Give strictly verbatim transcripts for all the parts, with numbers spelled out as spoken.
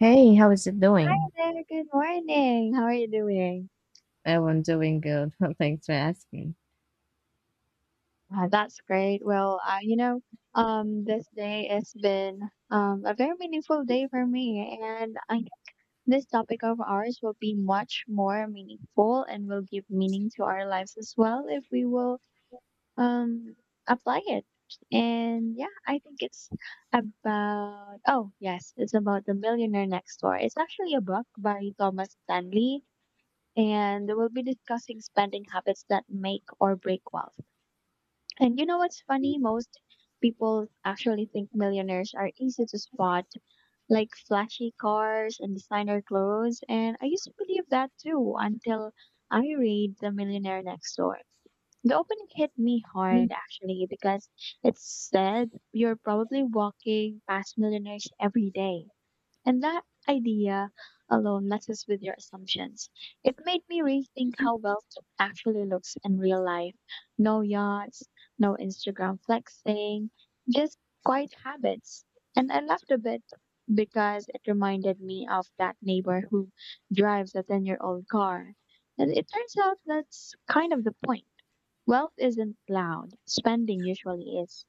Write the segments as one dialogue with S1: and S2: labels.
S1: Hey, how is it doing?
S2: Hey, good morning. How are you doing?
S1: Oh, I'm doing good. Thanks for asking.
S2: Uh, that's great. Well, uh, you know, um, this day has been um, a very meaningful day for me, and I think this topic of ours will be much more meaningful and will give meaning to our lives as well if we will um, apply it. And yeah, I think it's about, oh, yes, it's about The Millionaire Next Door. It's actually a book by Thomas Stanley and we'll be discussing spending habits that make or break wealth. And you know what's funny? Most people actually think millionaires are easy to spot, like flashy cars and designer clothes. And I used to believe that too until I read The Millionaire Next Door. The opening hit me hard actually because it said you're probably walking past millionaires every day. And that idea alone messes with your assumptions. It made me rethink how wealth actually looks in real life. No yachts, no Instagram flexing, just quiet habits. And I laughed a bit because it reminded me of that neighbor who drives a ten year old car. And it turns out that's kind of the point. Wealth isn't loud, spending usually is.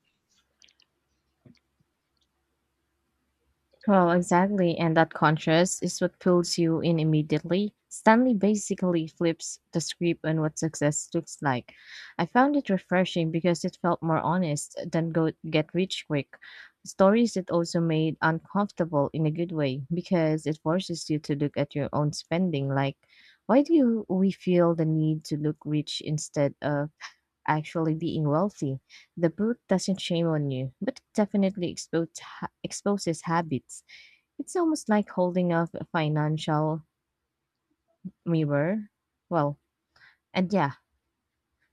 S1: Well, exactly, and that contrast is what pulls you in immediately. Stanley basically flips the script on what success looks like. I found it refreshing because it felt more honest than go get rich quick. Stories that also made uncomfortable in a good way because it forces you to look at your own spending. Like, why do we feel the need to look rich instead of actually being wealthy. The book doesn't shame on you, but it definitely expose, ha- exposes habits. It's almost like holding up a financial mirror. Well, and yeah,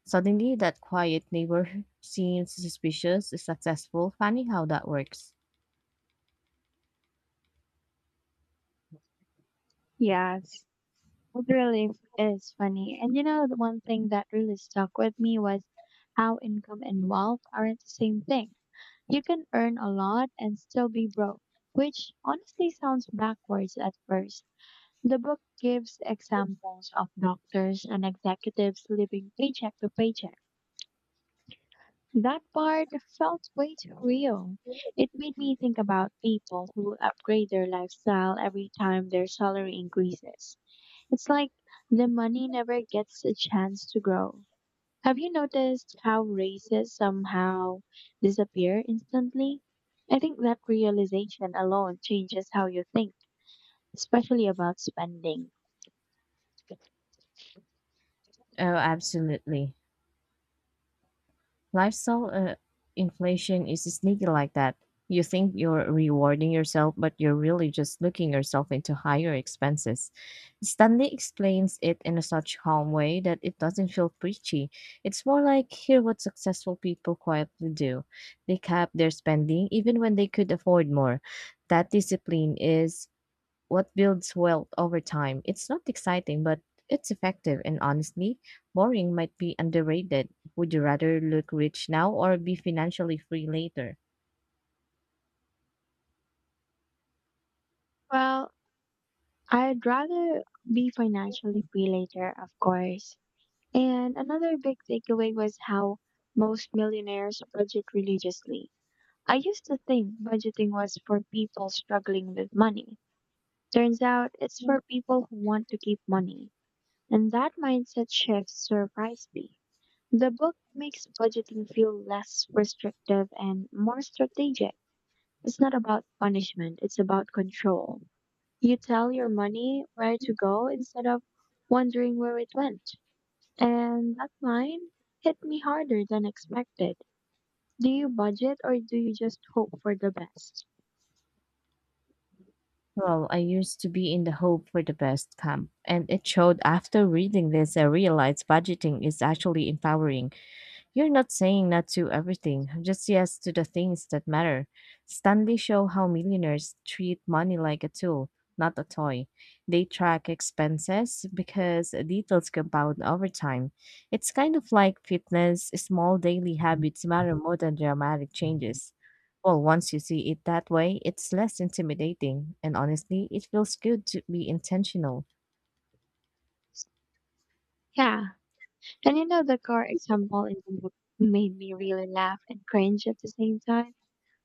S1: suddenly that quiet neighbor seems suspicious, successful. Funny how that works.
S2: Yes. It really is funny. And you know, the one thing that really stuck with me was how income and wealth aren't the same thing. You can earn a lot and still be broke, which honestly sounds backwards at first. The book gives examples of doctors and executives living paycheck to paycheck. That part felt way too real. It made me think about people who upgrade their lifestyle every time their salary increases. It's like the money never gets a chance to grow. Have you noticed how races somehow disappear instantly? I think that realization alone changes how you think, especially about spending.
S1: Oh, absolutely. Lifestyle uh, inflation is sneaky like that. You think you're rewarding yourself, but you're really just looking yourself into higher expenses. Stanley explains it in a such calm way that it doesn't feel preachy. It's more like hear what successful people quietly do. They cap their spending even when they could afford more. That discipline is what builds wealth over time. It's not exciting, but it's effective. And honestly, boring might be underrated. Would you rather look rich now or be financially free later?
S2: Well, I'd rather be financially free later, of course. And another big takeaway was how most millionaires budget religiously. I used to think budgeting was for people struggling with money, turns out it's for people who want to keep money, and that mindset shift surprised me. The book makes budgeting feel less restrictive and more strategic. It's not about punishment, it's about control. You tell your money where to go instead of wondering where it went. And that line hit me harder than expected. Do you budget or do you just hope for the best?
S1: Well, I used to be in the hope for the best camp, and it showed after reading this, I realized budgeting is actually empowering. You're not saying not to everything, just yes to the things that matter. Stanley show how millionaires treat money like a tool, not a toy. They track expenses because details compound over time. It's kind of like fitness, small daily habits matter more than dramatic changes. Well, once you see it that way, it's less intimidating, and honestly, it feels good to be intentional.
S2: Yeah, and you know, the car example in the book made me really laugh and cringe at the same time.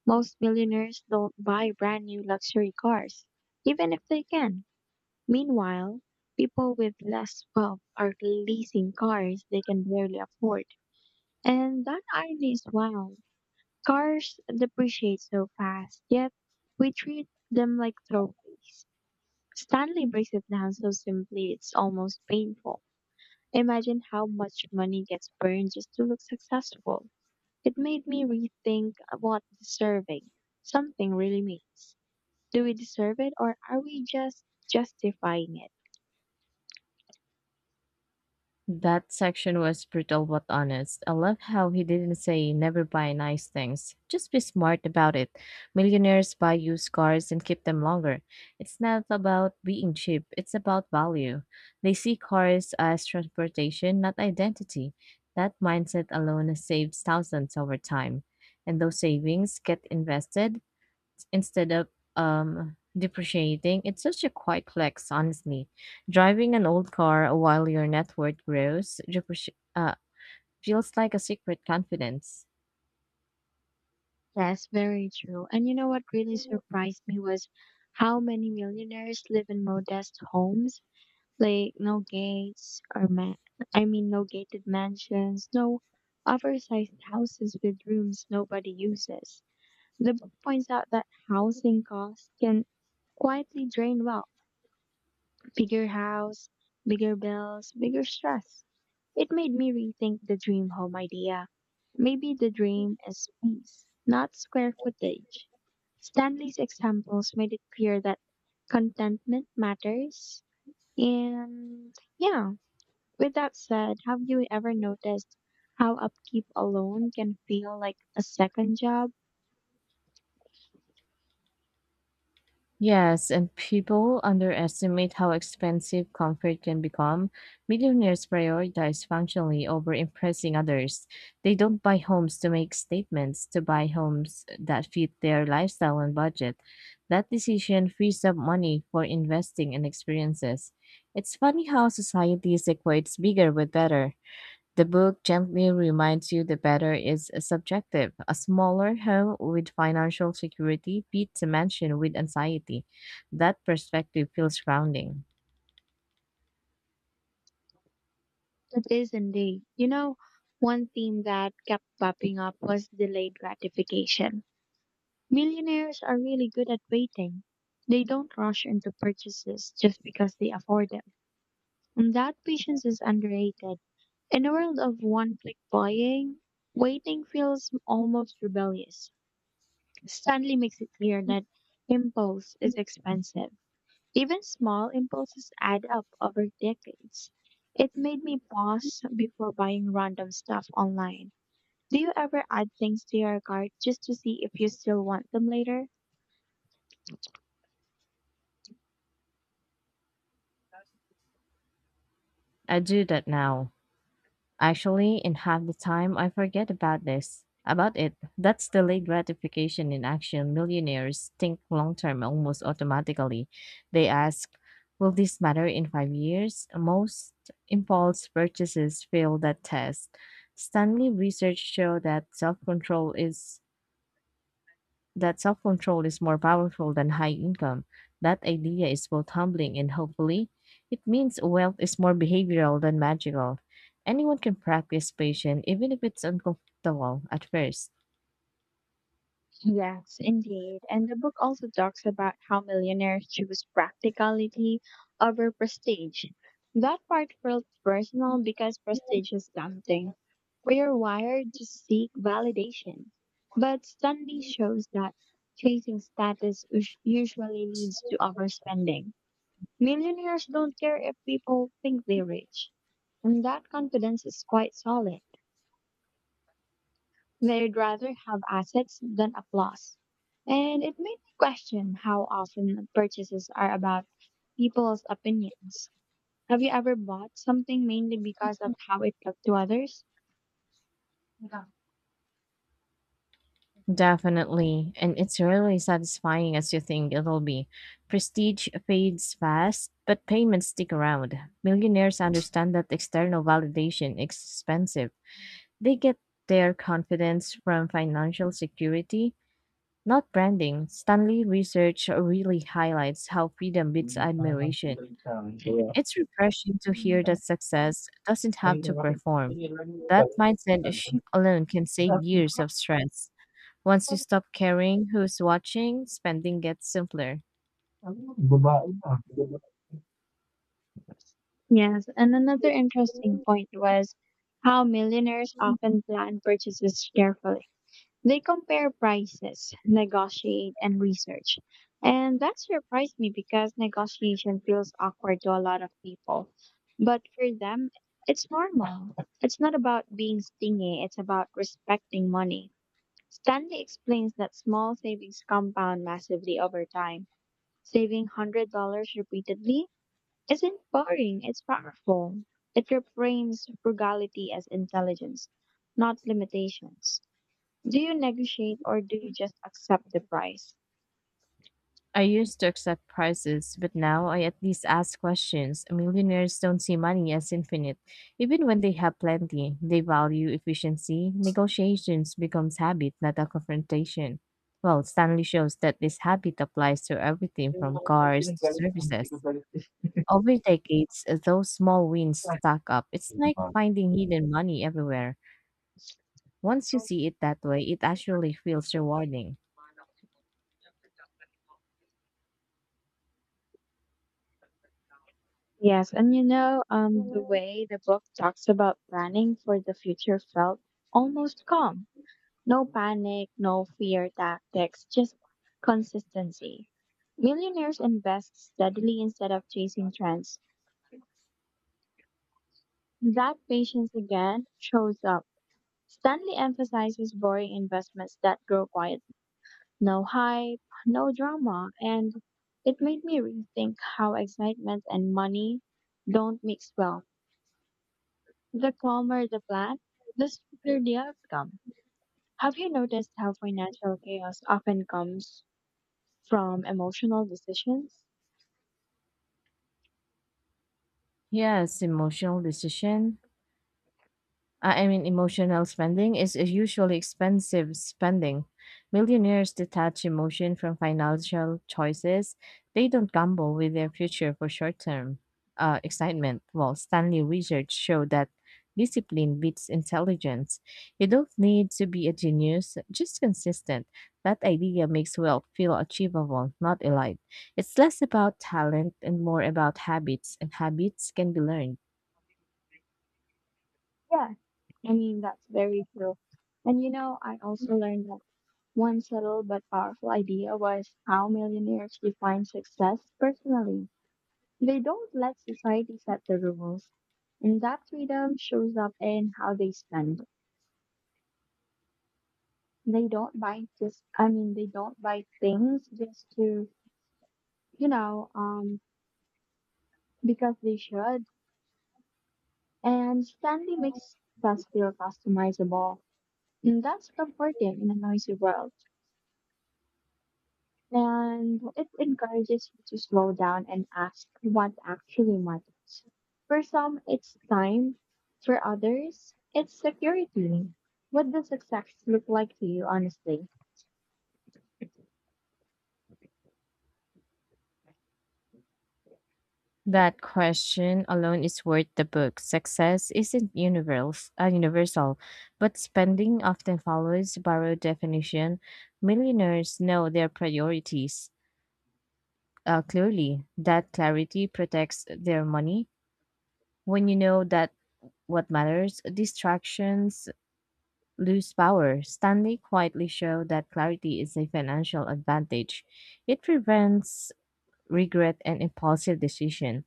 S2: Most millionaires don't buy brand new luxury cars, even if they can. Meanwhile, people with less wealth are leasing cars they can barely afford. And that irony is wild. Cars depreciate so fast, yet we treat them like trophies. Stanley breaks it down so simply it's almost painful. Imagine how much money gets burned just to look successful. It made me rethink what deserving something really means. Do we deserve it or are we just justifying it?
S1: That section was brutal but honest. I love how he didn't say never buy nice things. Just be smart about it. Millionaires buy used cars and keep them longer. It's not about being cheap, it's about value. They see cars as transportation, not identity. That mindset alone saves thousands over time. And those savings get invested instead of um depreciating. It's such a quiet flex, honestly. Driving an old car while your net worth grows depreci- uh, feels like a secret confidence.
S2: Yes, very true. And you know what really surprised me was how many millionaires live in modest homes, like no gates or ma- I mean no gated mansions, no oversized houses with rooms nobody uses. The book points out that housing costs can quietly drain wealth. Bigger house, bigger bills, bigger stress. It made me rethink the dream home idea. Maybe the dream is peace, not square footage. Stanley's examples made it clear that contentment matters. And yeah, with that said, have you ever noticed how upkeep alone can feel like a second job?
S1: Yes, and people underestimate how expensive comfort can become. Millionaires prioritize functionally over impressing others. They don't buy homes to make statements, to buy homes that fit their lifestyle and budget. That decision frees up money for investing in experiences. It's funny how society equates bigger with better. The book gently reminds you the better is subjective. A smaller home with financial security beats a mansion with anxiety. That perspective feels grounding.
S2: It is indeed. You know, one theme that kept popping up was delayed gratification. Millionaires are really good at waiting. They don't rush into purchases just because they afford them. And that patience is underrated. In a world of one click buying, waiting feels almost rebellious. Stanley makes it clear that impulse is expensive. Even small impulses add up over decades. It made me pause before buying random stuff online. Do you ever add things to your cart just to see if you still want them later?
S1: I do that now. Actually, in half the time I forget about this. About it. That's delayed gratification in action. Millionaires think long term almost automatically. They ask, will this matter in five years? Most impulse purchases fail that test. Stanley research show that self control is that self control is more powerful than high income. That idea is both humbling and hopefully, it means wealth is more behavioral than magical. Anyone can practice patience, even if it's uncomfortable at first.
S2: Yes, indeed. And the book also talks about how millionaires choose practicality over prestige. That part felt personal because prestige is tempting. We are wired to seek validation. But Stanley shows that chasing status us- usually leads to overspending. Millionaires don't care if people think they're rich. And that confidence is quite solid. They'd rather have assets than applause. And it made me question how often purchases are about people's opinions. Have you ever bought something mainly because of how it looked to others? Yeah.
S1: Definitely, and it's really satisfying as you think it'll be. Prestige fades fast, but payments stick around. Millionaires understand that external validation is expensive. They get their confidence from financial security. Not branding, Stanley research really highlights how freedom beats admiration. It's refreshing to hear that success doesn't have to perform. That mindset shift alone can save years of stress. Once you stop caring who's watching, spending gets simpler.
S2: Yes, and another interesting point was how millionaires often plan purchases carefully. They compare prices, negotiate, and research. And that surprised me because negotiation feels awkward to a lot of people. But for them, it's normal. It's not about being stingy, it's about respecting money. Stanley explains that small savings compound massively over time. Saving one hundred dollars repeatedly isn't boring, it's powerful. It reframes frugality as intelligence, not limitations. Do you negotiate or do you just accept the price?
S1: I used to accept prices, but now I at least ask questions. Millionaires don't see money as infinite. Even when they have plenty, they value efficiency. Negotiations becomes habit, not a confrontation. Well, Stanley shows that this habit applies to everything from cars to services. Over decades, uh, those small wins stack up. It's like finding hidden money everywhere. Once you see it that way, it actually feels rewarding.
S2: Yes, and you know, um, the way the book talks about planning for the future felt almost calm. No panic, no fear tactics, just consistency. Millionaires invest steadily instead of chasing trends. That patience again shows up. Stanley emphasizes boring investments that grow quietly. No hype, no drama, and it made me rethink how excitement and money don't mix well. The calmer the plan, the smoother the outcome. Have you noticed how financial chaos often comes from emotional decisions?
S1: Yes, emotional decision. I I mean, emotional spending is a usually expensive spending. Millionaires detach emotion from financial choices. They don't gamble with their future for short term uh, excitement. Well, Stanley research showed that discipline beats intelligence. You don't need to be a genius, just consistent. That idea makes wealth feel achievable, not elite. It's less about talent and more about habits, and habits can be learned.
S2: Yeah, I mean, that's very true. And you know, I also learned that one subtle but powerful idea was how millionaires define success personally. They don't let society set the rules, and that freedom shows up in how they spend. They don't buy just, I mean, they don't buy things just to, you know, um, because they should. And Stanley makes us feel customizable, and that's comforting in a noisy world. And it encourages you to slow down and ask what actually matters. For some, it's time. For others, it's security. What does success look like to you, honestly?
S1: That question alone is worth the book. Success isn't universal, uh, universal, but spending often follows borrowed definition. Millionaires know their priorities uh, clearly. That clarity protects their money. When you know that what matters, distractions lose power. Stanley quietly showed that clarity is a financial advantage. It prevents regret and impulsive decision.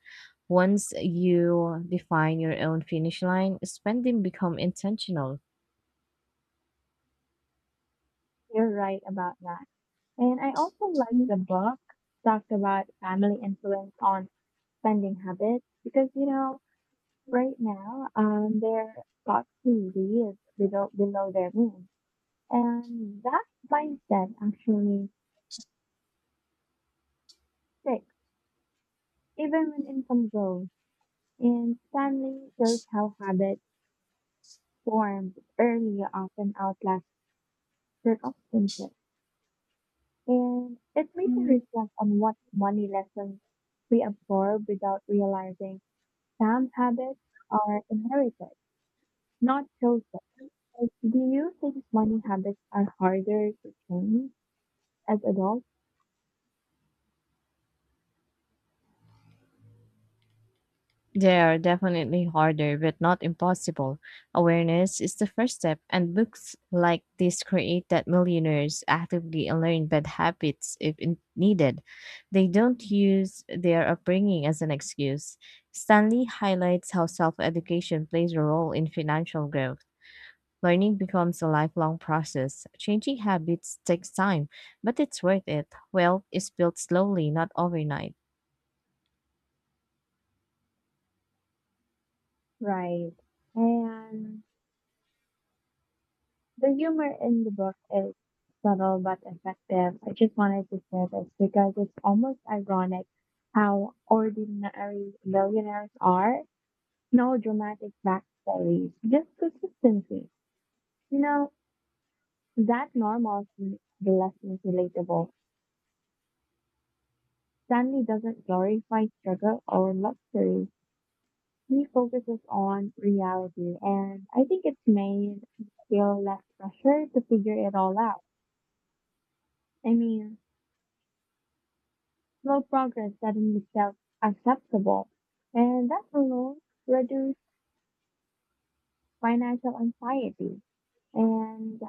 S1: Once you define your own finish line, spending become intentional.
S2: You're right about that. And I also like the book talked about family influence on spending habits because, you know, right now, um, their thoughts really is below, below their means. And that mindset actually sticks, even when income grows. And Stanley shows how habits formed early often outlast circumstances. And it makes me reflect on what money lessons we absorb without realizing some habits are inherited, not chosen. Do you think money habits are harder to change as adults?
S1: They are definitely harder, but not impossible. Awareness is the first step, and books like this create that millionaires actively learn bad habits if in- needed. They don't use their upbringing as an excuse. Stanley highlights how self education plays a role in financial growth. Learning becomes a lifelong process. Changing habits takes time, but it's worth it. Wealth is built slowly, not overnight.
S2: Right. And the humor in the book is subtle but effective. I just wanted to share this because it's almost ironic how ordinary millionaires are. No dramatic backstories, just consistency. You know, that normal seems the less relatable. Stanley doesn't glorify struggle or luxury. He focuses on reality, and I think it's made you feel less pressure to figure it all out. I mean, slow progress doesn't itself acceptable, and that alone reduces financial anxiety. And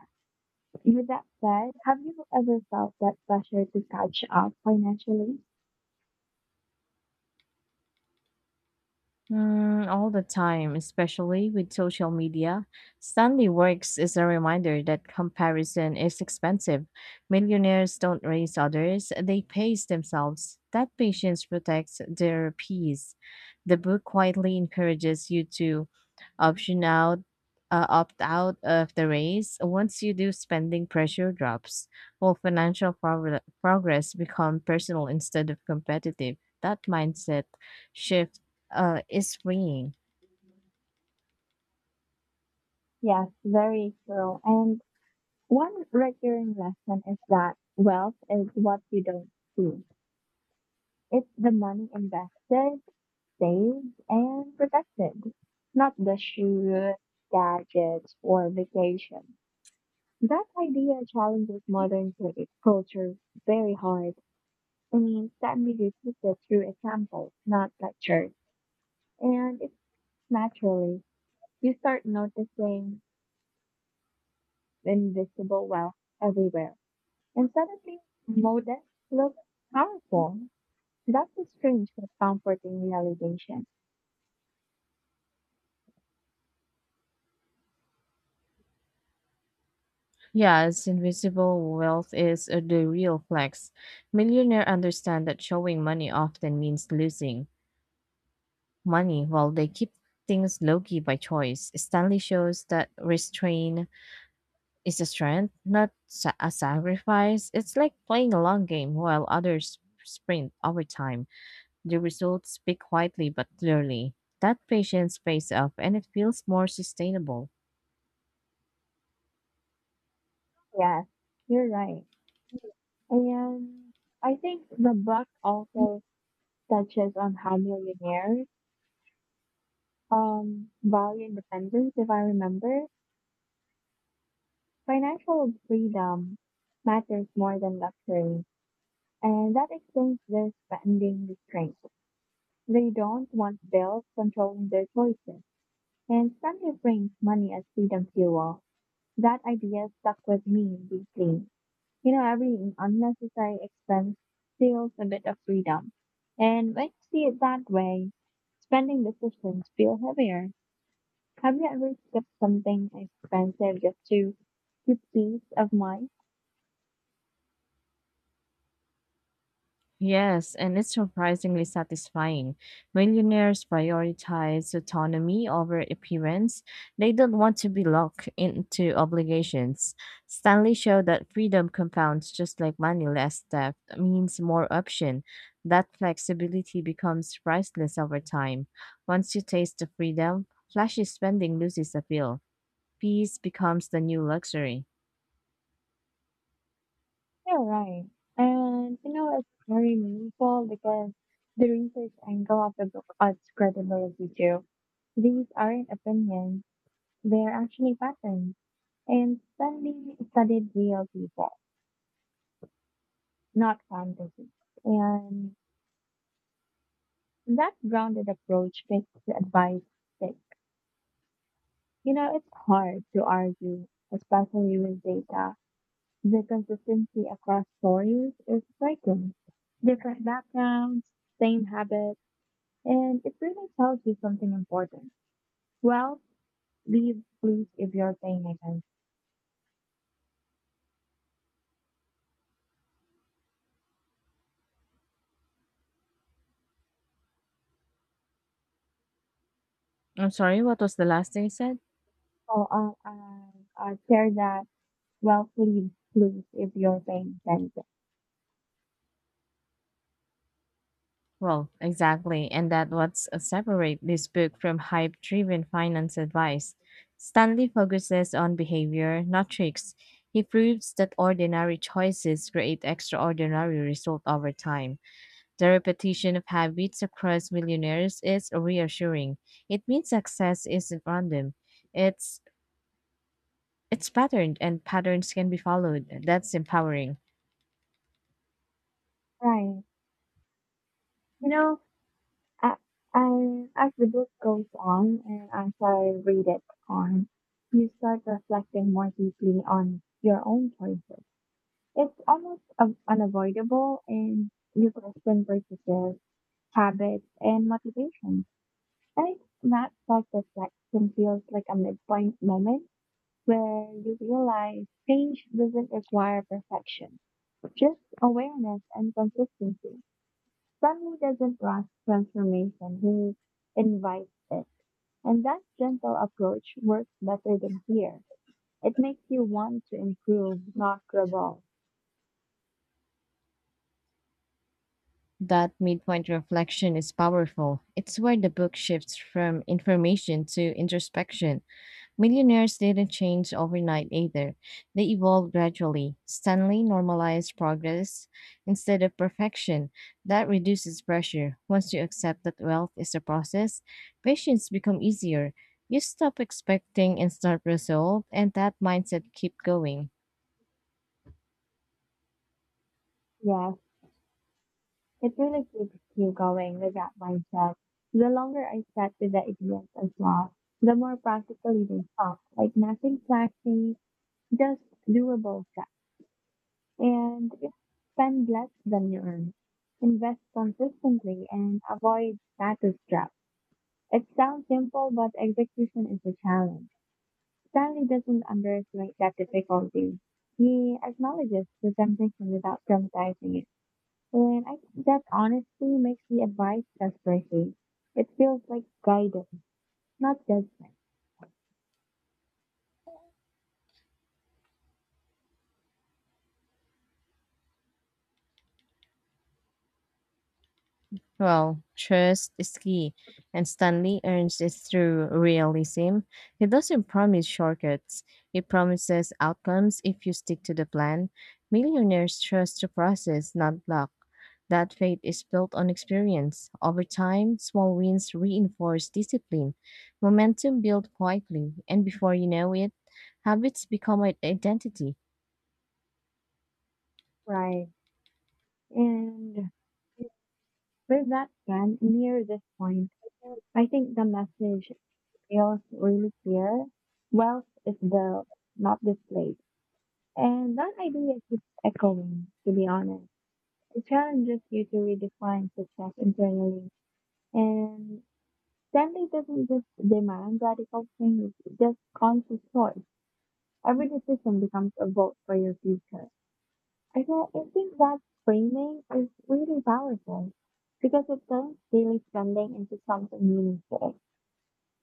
S2: with that said, have you ever felt that pressure to catch up financially?
S1: Mm, all the time, especially with social media. Stanley Works is a reminder that comparison is expensive. Millionaires don't raise others, they pace themselves. That patience protects their peace. The book quietly encourages you to option out, uh, opt out of the race. Once you do, spending pressure drops, while financial progr- progress become personal instead of competitive. That mindset shift uh, is freeing.
S2: Yes, very true. And one recurring lesson is that wealth is what you don't see. It's the money invested, saved, and protected, not the shoes, gadgets, or vacation. That idea challenges modern cu- culture very hard and can be repeated through examples, not lectures. And it's naturally, you start noticing invisible wealth everywhere. And suddenly, modest looks powerful. That's a strange but comforting realization.
S1: Yes, invisible wealth is uh, the real flex. Millionaires understand that showing money often means losing money while they keep things low key by choice. Stanley shows that restraint is a strength, not sa- a sacrifice. It's like playing a long game while others sprint over time. The results speak quietly but clearly. That patience pays off and it feels more sustainable.
S2: Yes, you're right. And I think the book also touches on how millionaires um value independence, if I remember. Financial freedom matters more than luxury. And that explains their spending restraint. They don't want bells controlling their choices. And somebody frames money as freedom fuel. That idea stuck with me deeply. You know, every unnecessary expense steals a bit of freedom. And when you see it that way, spending decisions feel heavier. Have you ever skipped something expensive just to keep peace of mind?
S1: Yes, and it's surprisingly satisfying. Millionaires prioritize autonomy over appearance. They don't want to be locked into obligations. Stanley showed that freedom compounds just like money less debt means more option. That flexibility becomes priceless over time. Once you taste the freedom, flashy spending loses appeal. Peace becomes the new luxury.
S2: You're right. And you know, it's very meaningful because the research angle of the book adds credibility too. These aren't opinions, they're actually patterns. And study studied real people, not fantasies. And that grounded approach makes the advice stick. You know, it's hard to argue, especially with data. The consistency across stories is striking. Different backgrounds, same habits. And it really tells you something important. Well, leaves, please, if you're paying attention.
S1: I'm sorry, what was the last thing you said?
S2: Oh, uh, uh, uh, share that. Well, please, please, if you're paying attention.
S1: Well, exactly, and that what's uh, separate this book from hype-driven finance advice. Stanley focuses on behavior, not tricks. He proves that ordinary choices create extraordinary result over time. The repetition of habits across millionaires is reassuring. It means success isn't random. It's it's patterned and patterns can be followed. That's empowering.
S2: Right. You know, I, I, as the book goes on and as I read it on, you start reflecting more deeply on your own choices. It's almost un- unavoidable and you question purchases, habits, and motivation. I think that self reflection feels like a midpoint moment where you realize change doesn't require perfection, just awareness and consistency. Sunny doesn't rush transformation, he invites it. And that gentle approach works better than fear. It makes you want to improve, not rebel.
S1: That midpoint reflection is powerful. It's where the book shifts from information to introspection. Millionaires didn't change overnight either. They evolved gradually. Stanley normalized progress instead of perfection. That reduces pressure. Once you accept that wealth is a process, patience becomes easier. You stop expecting instant result and that mindset keep going.
S2: Yeah, it really keeps you going with that mindset. The longer I sat with the ideas as well, the more practically they felt. Like nothing flashy, just doable stuff. And you spend less than you earn. Invest consistently and avoid status traps. It sounds simple, but execution is a challenge. Stanley doesn't underestimate that difficulty. He acknowledges the temptation without dramatizing it. And I think that honestly makes the advice less brushy. It feels like guidance, not judgment.
S1: Well, trust is key, and Stanley earns it through realism. He doesn't promise shortcuts, he promises outcomes if you stick to the plan. Millionaires trust the process, not luck. That faith is built on experience. Over time, small wins reinforce discipline. Momentum builds quietly, and before you know it, habits become an identity.
S2: Right. And with that said, near this point, I think the message feels really clear. Wealth is built, not displayed. And that idea keeps echoing, to be honest. It challenges you to redefine success internally. And Stanley doesn't just demand radical change, it just conscious choice. Every decision becomes a vote for your future. I think, I think that framing is really powerful because it turns daily spending into something meaningful.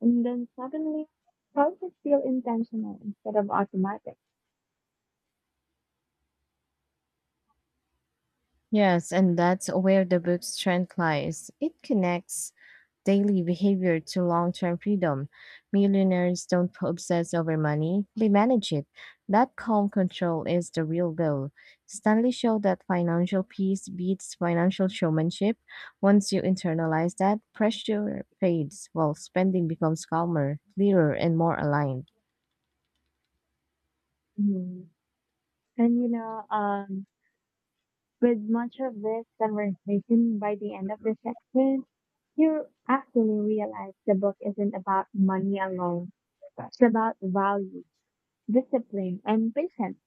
S2: And then suddenly, choices feel intentional instead of automatic.
S1: Yes, and that's where the book's strength lies. It connects daily behavior to long term freedom. Millionaires don't obsess over money, they manage it. That calm control is the real goal. Stanley showed that financial peace beats financial showmanship. Once you internalize that, pressure fades while spending becomes calmer, clearer, and more aligned.
S2: Mhm. And you know, um, with much of this conversation, by the end of the section, you actually realize the book isn't about money alone. It's about value, discipline, and patience.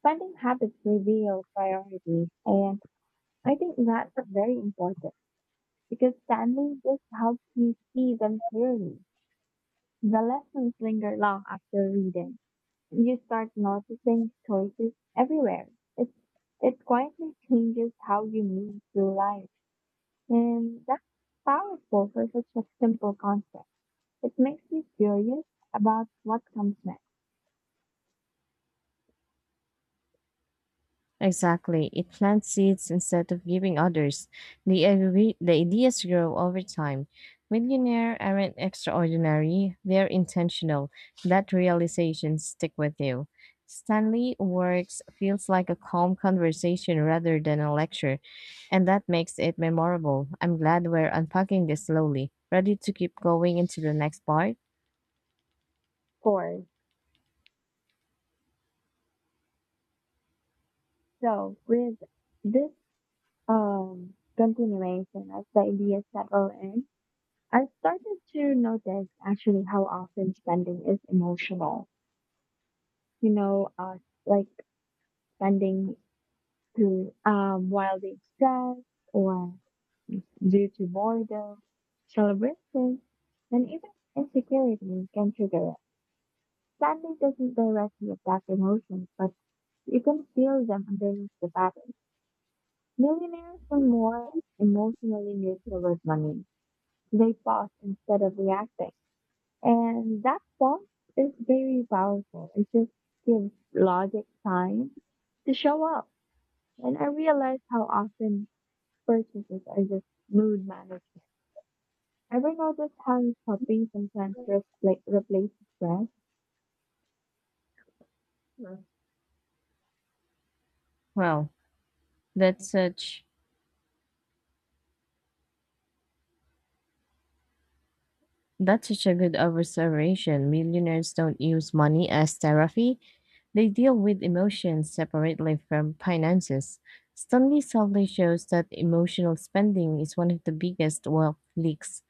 S2: Spending habits reveal priorities, and I think that's very important because suddenly this helps you see them clearly. The lessons linger long after reading. You start noticing choices everywhere. It it quietly changes how you move through life, and that's powerful for such a simple concept. It makes you curious about what comes next.
S1: Exactly. It plants seeds instead of giving others. The, agree- the ideas grow over time. Millionaires aren't extraordinary, they're intentional. That realization stick with you. Stanley Works feels like a calm conversation rather than a lecture, and that makes it memorable. I'm glad we're unpacking this slowly. Ready to keep going into the next part?
S2: Four. So with this um continuation as the idea settled in, I started to notice actually how often spending is emotional. You know, uh, like spending through um while being stressed or due to boredom, celebration, and even insecurity can trigger it. Spending doesn't directly affect emotions, but you can feel them underneath the pattern. Millionaires are more emotionally neutral with money. They pause instead of reacting. And that pause is very powerful. It just gives logic time to show up. And I realize how often purchases are just mood management. Ever notice how shopping sometimes repla- replaces stress? Mm.
S1: Well, that's such that's such a good observation. Millionaires don't use money as therapy. They deal with emotions separately from finances. Stanley subtly shows that emotional spending is one of the biggest wealth leaks.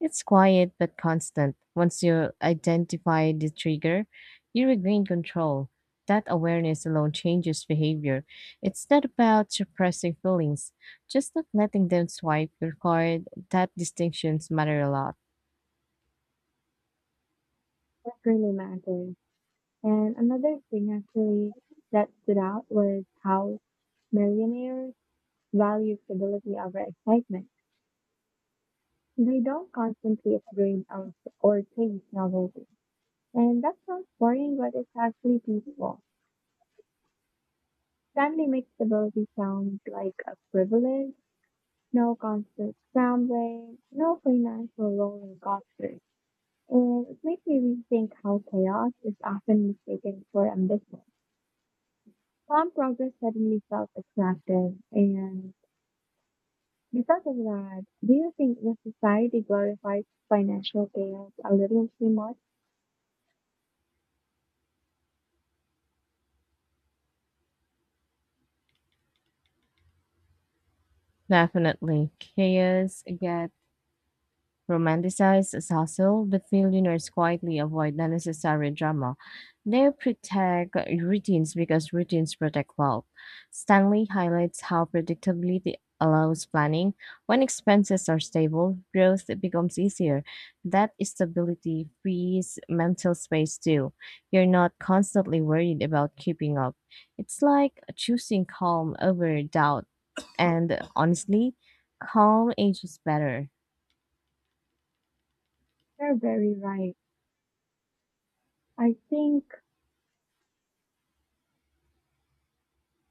S1: It's quiet but constant. Once you identify the trigger, you regain control. That awareness alone changes behavior. It's not about suppressing feelings, just not letting them swipe your card. That distinctions matter a lot.
S2: That really matters. And another thing actually that stood out was how millionaires value stability over excitement. They don't constantly upgrade or, or chase novelty. And that sounds boring, but it's actually peaceful. Stanley makes stability sound like a privilege, no constant scrambling, no financial roller coasters. And it makes me rethink how chaos is often mistaken for ambition. Some progress suddenly felt attractive, and because of that, do you think the society glorifies financial chaos a little too much?
S1: Definitely. Chaos get romanticized as hustle, but millionaires quietly avoid unnecessary drama. They protect routines because routines protect wealth. Stanley highlights how predictability allows planning. When expenses are stable, growth becomes easier. That stability frees mental space too. You're not constantly worried about keeping up. It's like choosing calm over doubt and honestly, calm age is better.
S2: You're very right. I think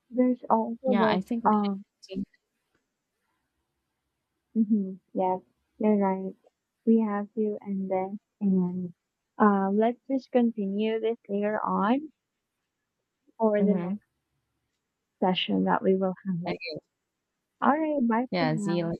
S2: there's also
S1: Yeah,
S2: the
S1: I think we should
S2: uh,
S1: take
S2: mhm, yes, you're right. We have to end this and uh, let's just continue this later on for the
S1: hmm.
S2: next session that we will have. Like, all right, bye for
S1: Yeah, see
S2: now.
S1: you.